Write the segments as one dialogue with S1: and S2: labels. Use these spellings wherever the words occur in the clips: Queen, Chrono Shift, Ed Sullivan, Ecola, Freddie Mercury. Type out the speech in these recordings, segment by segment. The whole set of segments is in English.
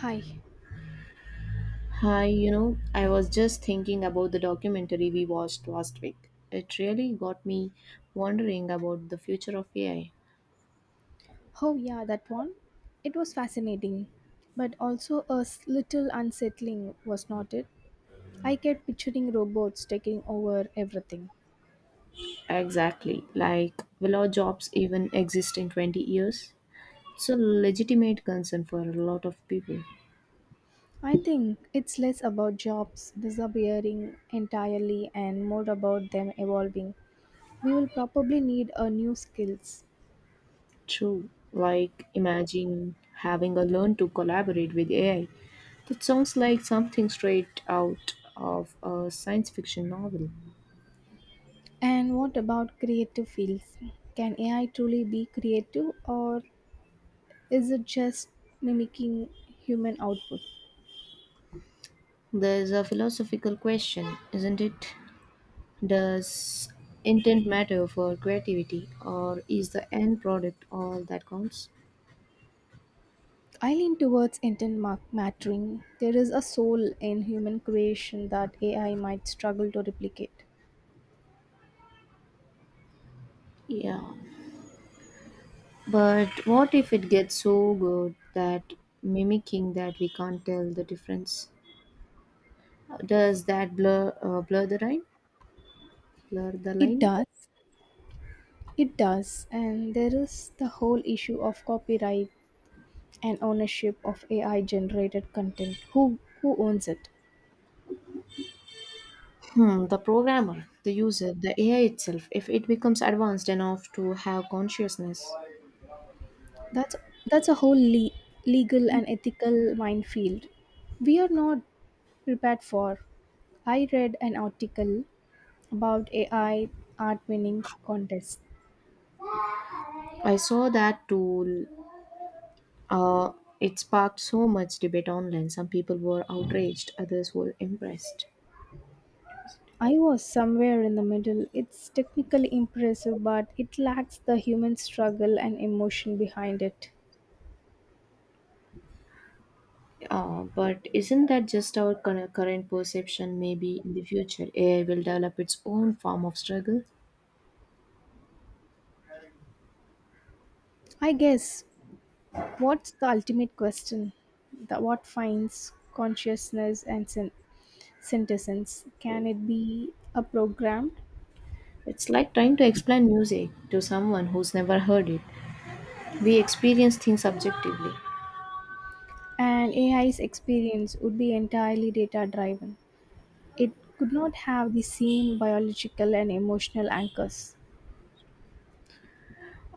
S1: Hi.
S2: Hi, I was just thinking about the documentary we watched last week. It really got me wondering about the future of AI.
S1: Oh, yeah, that one. It was fascinating, but also a little unsettling, was not it? I kept picturing robots taking over everything.
S2: Exactly. Like, will our jobs even exist in 20 years? It's a legitimate concern for a lot of people.
S1: I think it's less about jobs disappearing entirely and more about them evolving. We will probably need a new skills.
S2: True. Like, imagine having a learn to collaborate with AI. That sounds like something straight out of a science fiction novel.
S1: And what about creative fields? Can AI truly be creative or is it just mimicking human output?
S2: There's a philosophical question, isn't it? Does intent matter for creativity, or is the end product all that counts?
S1: I lean towards intent mattering. There is a soul in human creation that AI might struggle to replicate.
S2: Yeah. But what if it gets so good that mimicking that we can't tell the difference? Does that blur the line? Blur the
S1: It
S2: line?
S1: does. It does. And there is the whole issue of copyright and ownership of AI generated content. Who owns it?
S2: Hmm, the programmer, the user, the AI itself, if it becomes advanced enough to have consciousness.
S1: That's that's a whole legal and ethical minefield. We are not prepared for. I read an article about AI art winning contests.
S2: I saw that tool. Uh, it sparked so much debate online. Some people were outraged, others were impressed.
S1: I was somewhere in the middle. It's technically impressive, but it lacks the human struggle and emotion behind it.
S2: But isn't that just our current perception? Maybe in the future, AI will develop its own form of struggle.
S1: I guess what's the ultimate question? The, what finds consciousness and synthesis? Can it be a programmed?
S2: It's like trying to explain music to someone who's never heard it. We experience things subjectively,
S1: And AI's experience would be entirely data driven. It could not have the same biological and emotional anchors.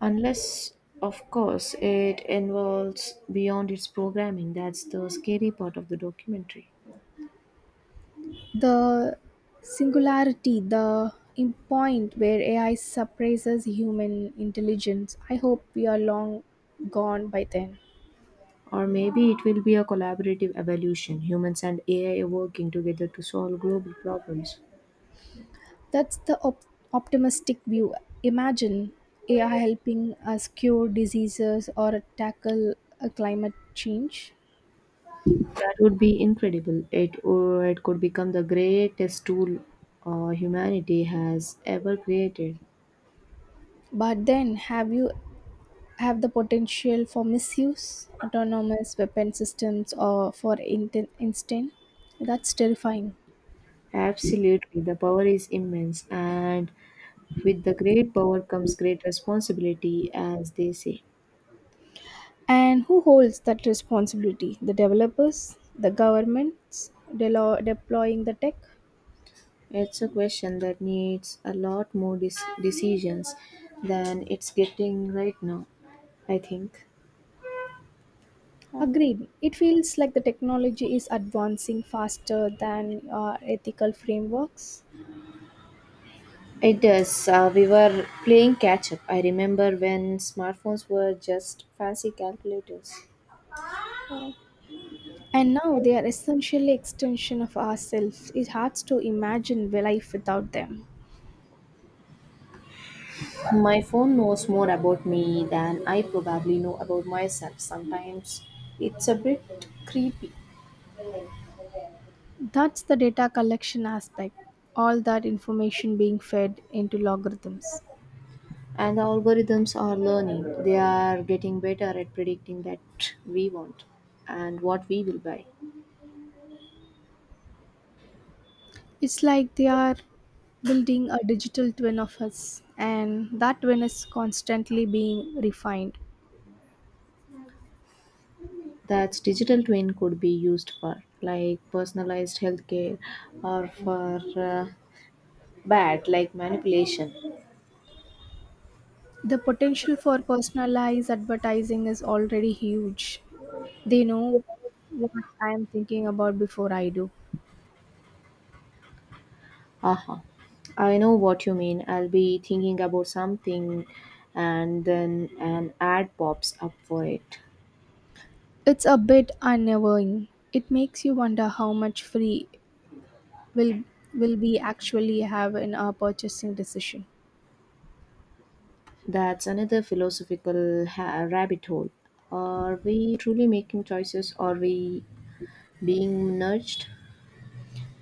S2: unless, of course, it involves beyond its programming. That's the scary part of the documentary.
S1: The singularity, the point where AI surpasses human intelligence. I hope we are long gone by then.
S2: Or maybe it will be a collaborative evolution, humans and AI working together to solve global problems.
S1: That's the optimistic view. Imagine AI helping us cure diseases or tackle a climate change.
S2: That would be incredible. It, or it could become the greatest tool humanity has ever created.
S1: But then have you have the potential for misuse, autonomous weapon systems or for instant, that's terrifying.
S2: Absolutely, the power is immense, and with the great power comes great responsibility, as they say.
S1: And who holds that responsibility? The developers, the governments deploying the tech?
S2: It's a question that needs a lot more decisions than it's getting right now, I think. Huh?
S1: Agreed. It feels like the technology is advancing faster than our ethical frameworks.
S2: It does. We were playing catch up. I remember when smartphones were just fancy calculators.
S1: And now they are essentially extension of ourselves. It's hard to imagine life without them.
S2: My phone knows more about me than I probably know about myself. Sometimes it's a bit creepy.
S1: That's the data collection aspect, all that information being fed into logarithms.
S2: And the algorithms are learning. They are getting better at predicting that we want and what we will buy.
S1: It's like they are building a digital twin of us, and that twin is constantly being refined.
S2: That digital twin could be used for, like personalized healthcare, or for bad, like manipulation.
S1: The potential for personalized advertising is already huge. They know what I am thinking about before I do.
S2: Aha. I know what you mean. I'll be thinking about something and then an ad pops up for it.
S1: It's a bit unnerving. It makes you wonder how much free will will we actually have in our purchasing decision.
S2: That's another philosophical rabbit hole. Are we truly making choices? Are we being nudged?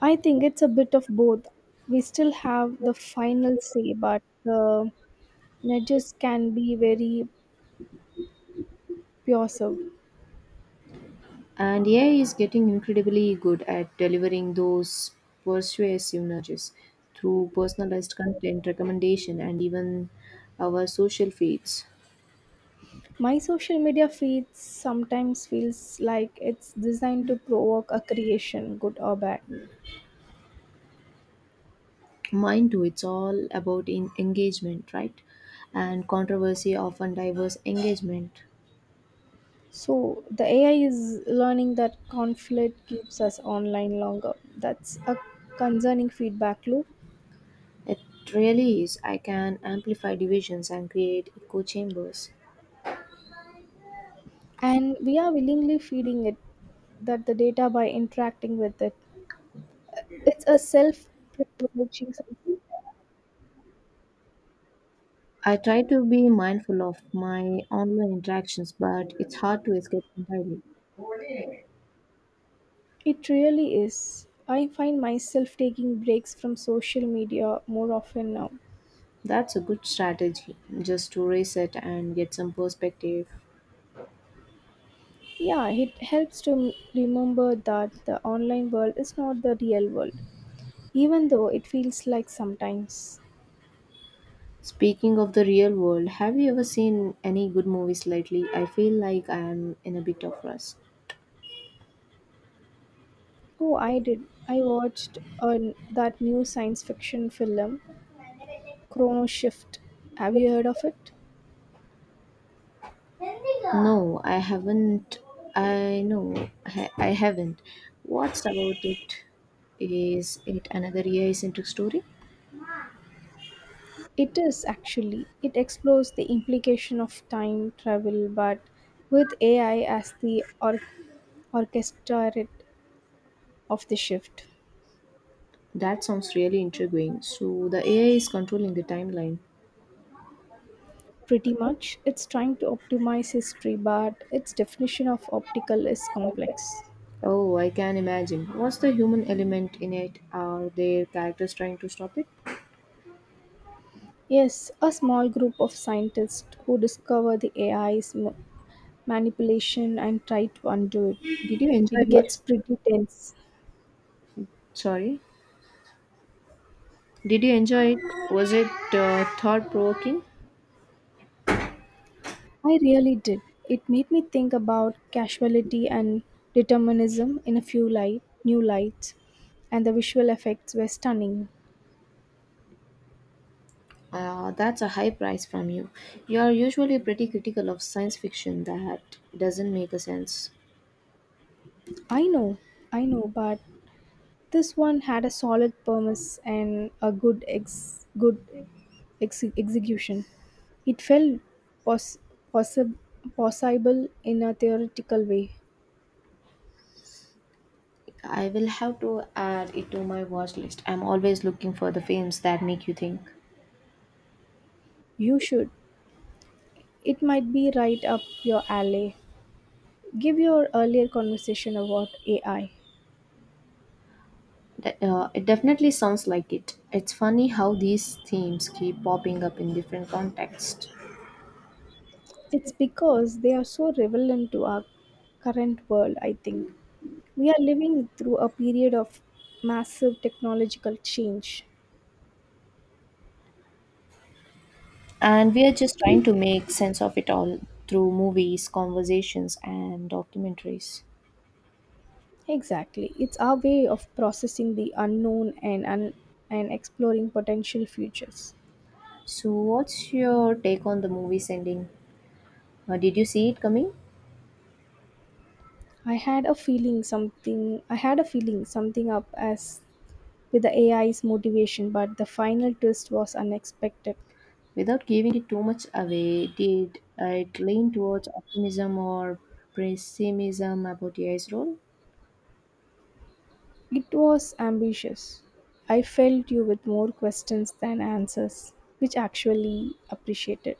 S1: I think it's a bit of both. We still have the final say, but the nudges can be very pervasive.
S2: And AI is getting incredibly good at delivering those persuasive nudges through personalized content, recommendation, and even our social feeds.
S1: My social media feed sometimes feels like it's designed to provoke a creation, good or bad.
S2: Mine too. It's all about in engagement, right? And controversy often diverse engagement.
S1: So the AI is learning that conflict keeps us online longer. That's a concerning feedback loop,
S2: It really is. I can amplify divisions and create echo chambers.
S1: and we are willingly feeding it that the data by interacting with it. It's a self-promoting something.
S2: I try to be mindful of my online interactions, but it's hard to escape entirely.
S1: It really is. I find myself taking breaks from social media more often now.
S2: That's a good strategy, just to reset and get some perspective.
S1: Yeah, it helps to remember that the online world is not the real world, even though it feels like sometimes.
S2: Speaking of the real world, have you ever seen any good movies lately? I feel like I am in a bit of rust.
S1: Oh, I did. I watched on that new science fiction film, Chrono Shift. Have you heard of it?
S2: No, I haven't. I know I haven't. What's about it? Is it another AI centric story?
S1: It is actually. It explores the implication of time travel, but with AI as the orchestrator of the shift.
S2: That sounds really intriguing. So the AI is controlling the timeline.
S1: Pretty much. It's trying to optimize history, but its definition of optical is complex.
S2: Oh, I can imagine. What's the human element in it? Are there characters trying to stop it?
S1: Yes, a small group of scientists who discover the AI's manipulation and try to undo
S2: Did
S1: it.
S2: you enjoy
S1: It gets
S2: it?
S1: pretty tense.
S2: Sorry. Did you enjoy it? Was it thought provoking?
S1: I really did. It made me think about causality and determinism in a few light, new lights, and the visual effects were stunning.
S2: That's a high price from you. You're usually pretty critical of science fiction that doesn't make a sense.
S1: I know, I know, but this one had a solid premise and a good execution. It felt pos- possi- possible in a theoretical way.
S2: I will have to add it to my watch list. I'm always looking for the films that make you think.
S1: You should. It might be right up your alley. Give your earlier conversation about AI.
S2: It definitely sounds like it. It's funny how these themes keep popping up in different contexts.
S1: It's because they are so relevant to our current world, I think. We are living through a period of massive technological change.
S2: And we are just trying to make sense of it all through movies, conversations, and documentaries.
S1: Exactly. It's our way of processing the unknown and exploring potential futures.
S2: So, what's your take on the movie's ending? Did you see it coming?
S1: I had a feeling something up as with the AI's motivation, but the final twist was unexpected.
S2: Without giving it too much away, did it lean towards optimism or pessimism about AI's role?
S1: It was ambitious. I felt you with more questions than answers, which actually appreciated.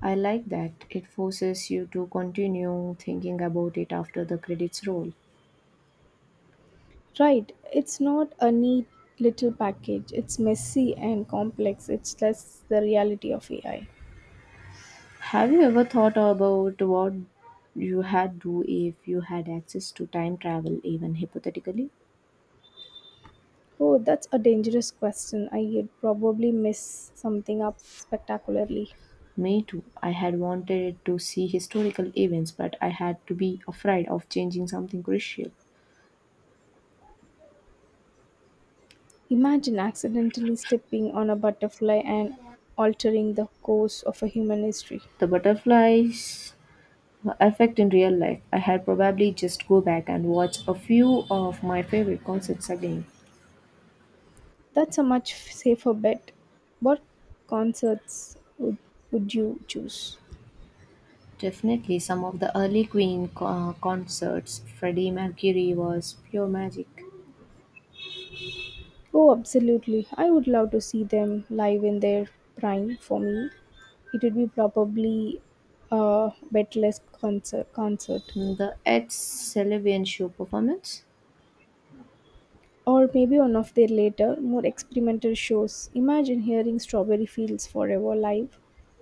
S2: I like that. It forces you to continue thinking about it after the credits roll.
S1: Right, it's not a neat little package. It's messy and complex. It's less the reality of AI.
S2: Have you ever thought about what you had do if you had access to time travel, even hypothetically?
S1: Oh, that's a dangerous question. I'd probably mess something up spectacularly.
S2: Me too. I had wanted to see historical events, but I had to be afraid of changing something crucial.
S1: Imagine accidentally stepping on a butterfly and altering the course of a human history.
S2: The butterflies effect in real life, I had probably just go back and watch a few of my favorite concerts again.
S1: That's a much safer bet. What concerts would you choose?
S2: Definitely, some of the early Queen concerts, Freddie Mercury was pure magic.
S1: Oh, absolutely. I would love to see them live in their prime for me. It would be probably a betless concert.
S2: The Ed Sullivan show performance,
S1: Or maybe one of their later, more experimental shows. Imagine hearing Strawberry Fields Forever live.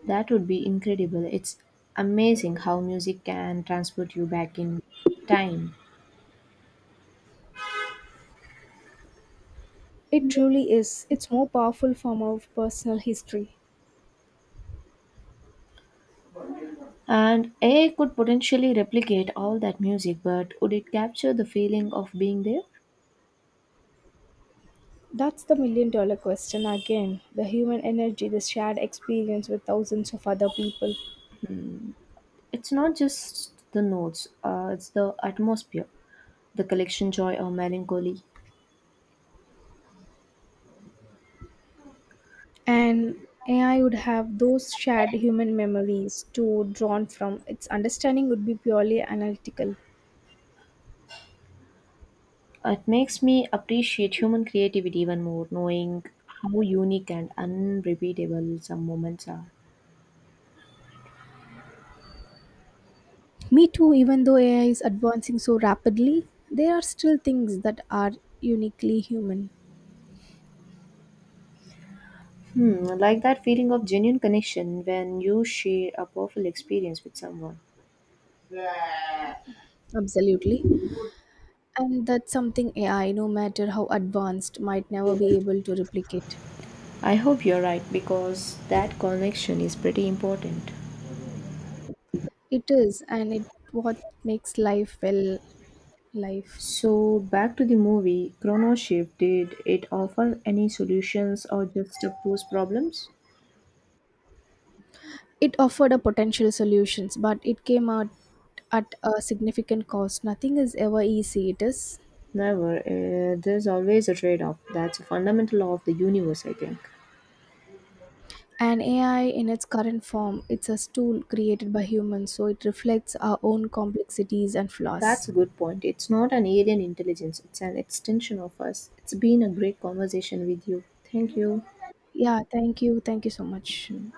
S2: that would be incredible. It's amazing how music can transport you back in time.
S1: It truly is. It's more powerful form of personal history.
S2: And AI could potentially replicate all that music, but would it capture the feeling of being there?
S1: That's the million dollar question again. The human energy, the shared experience with thousands of other people.
S2: It's not just the notes, it's the atmosphere, the collection joy or melancholy.
S1: And AI would have those shared human memories to drawn from. Its understanding would be purely analytical.
S2: It makes me appreciate human creativity even more, knowing how unique and unrepeatable some moments are.
S1: Me too, even though AI is advancing so rapidly, there are still things that are uniquely human.
S2: Hmm, I like that feeling of genuine connection when you share a powerful experience with someone.
S1: Absolutely. And that's something AI, no matter how advanced, might never be able to replicate.
S2: I hope you're right because that connection is pretty important.
S1: It is, and it what makes life well life.
S2: So, back to the movie, Chrono Shift, did it offer any solutions or just pose problems?
S1: It offered a potential solutions, but it came out at a significant cost. Nothing is ever easy, it is.
S2: Never. Eh, there's always a trade off. That's a fundamental law of the universe, I think.
S1: And AI in its current form, it's a tool created by humans, so it reflects our own complexities and
S2: That's
S1: flaws.
S2: a good point. It's not an alien intelligence, it's an extension of us. It's been a great conversation with you. Thank you.
S1: Yeah, thank you. Thank you so much.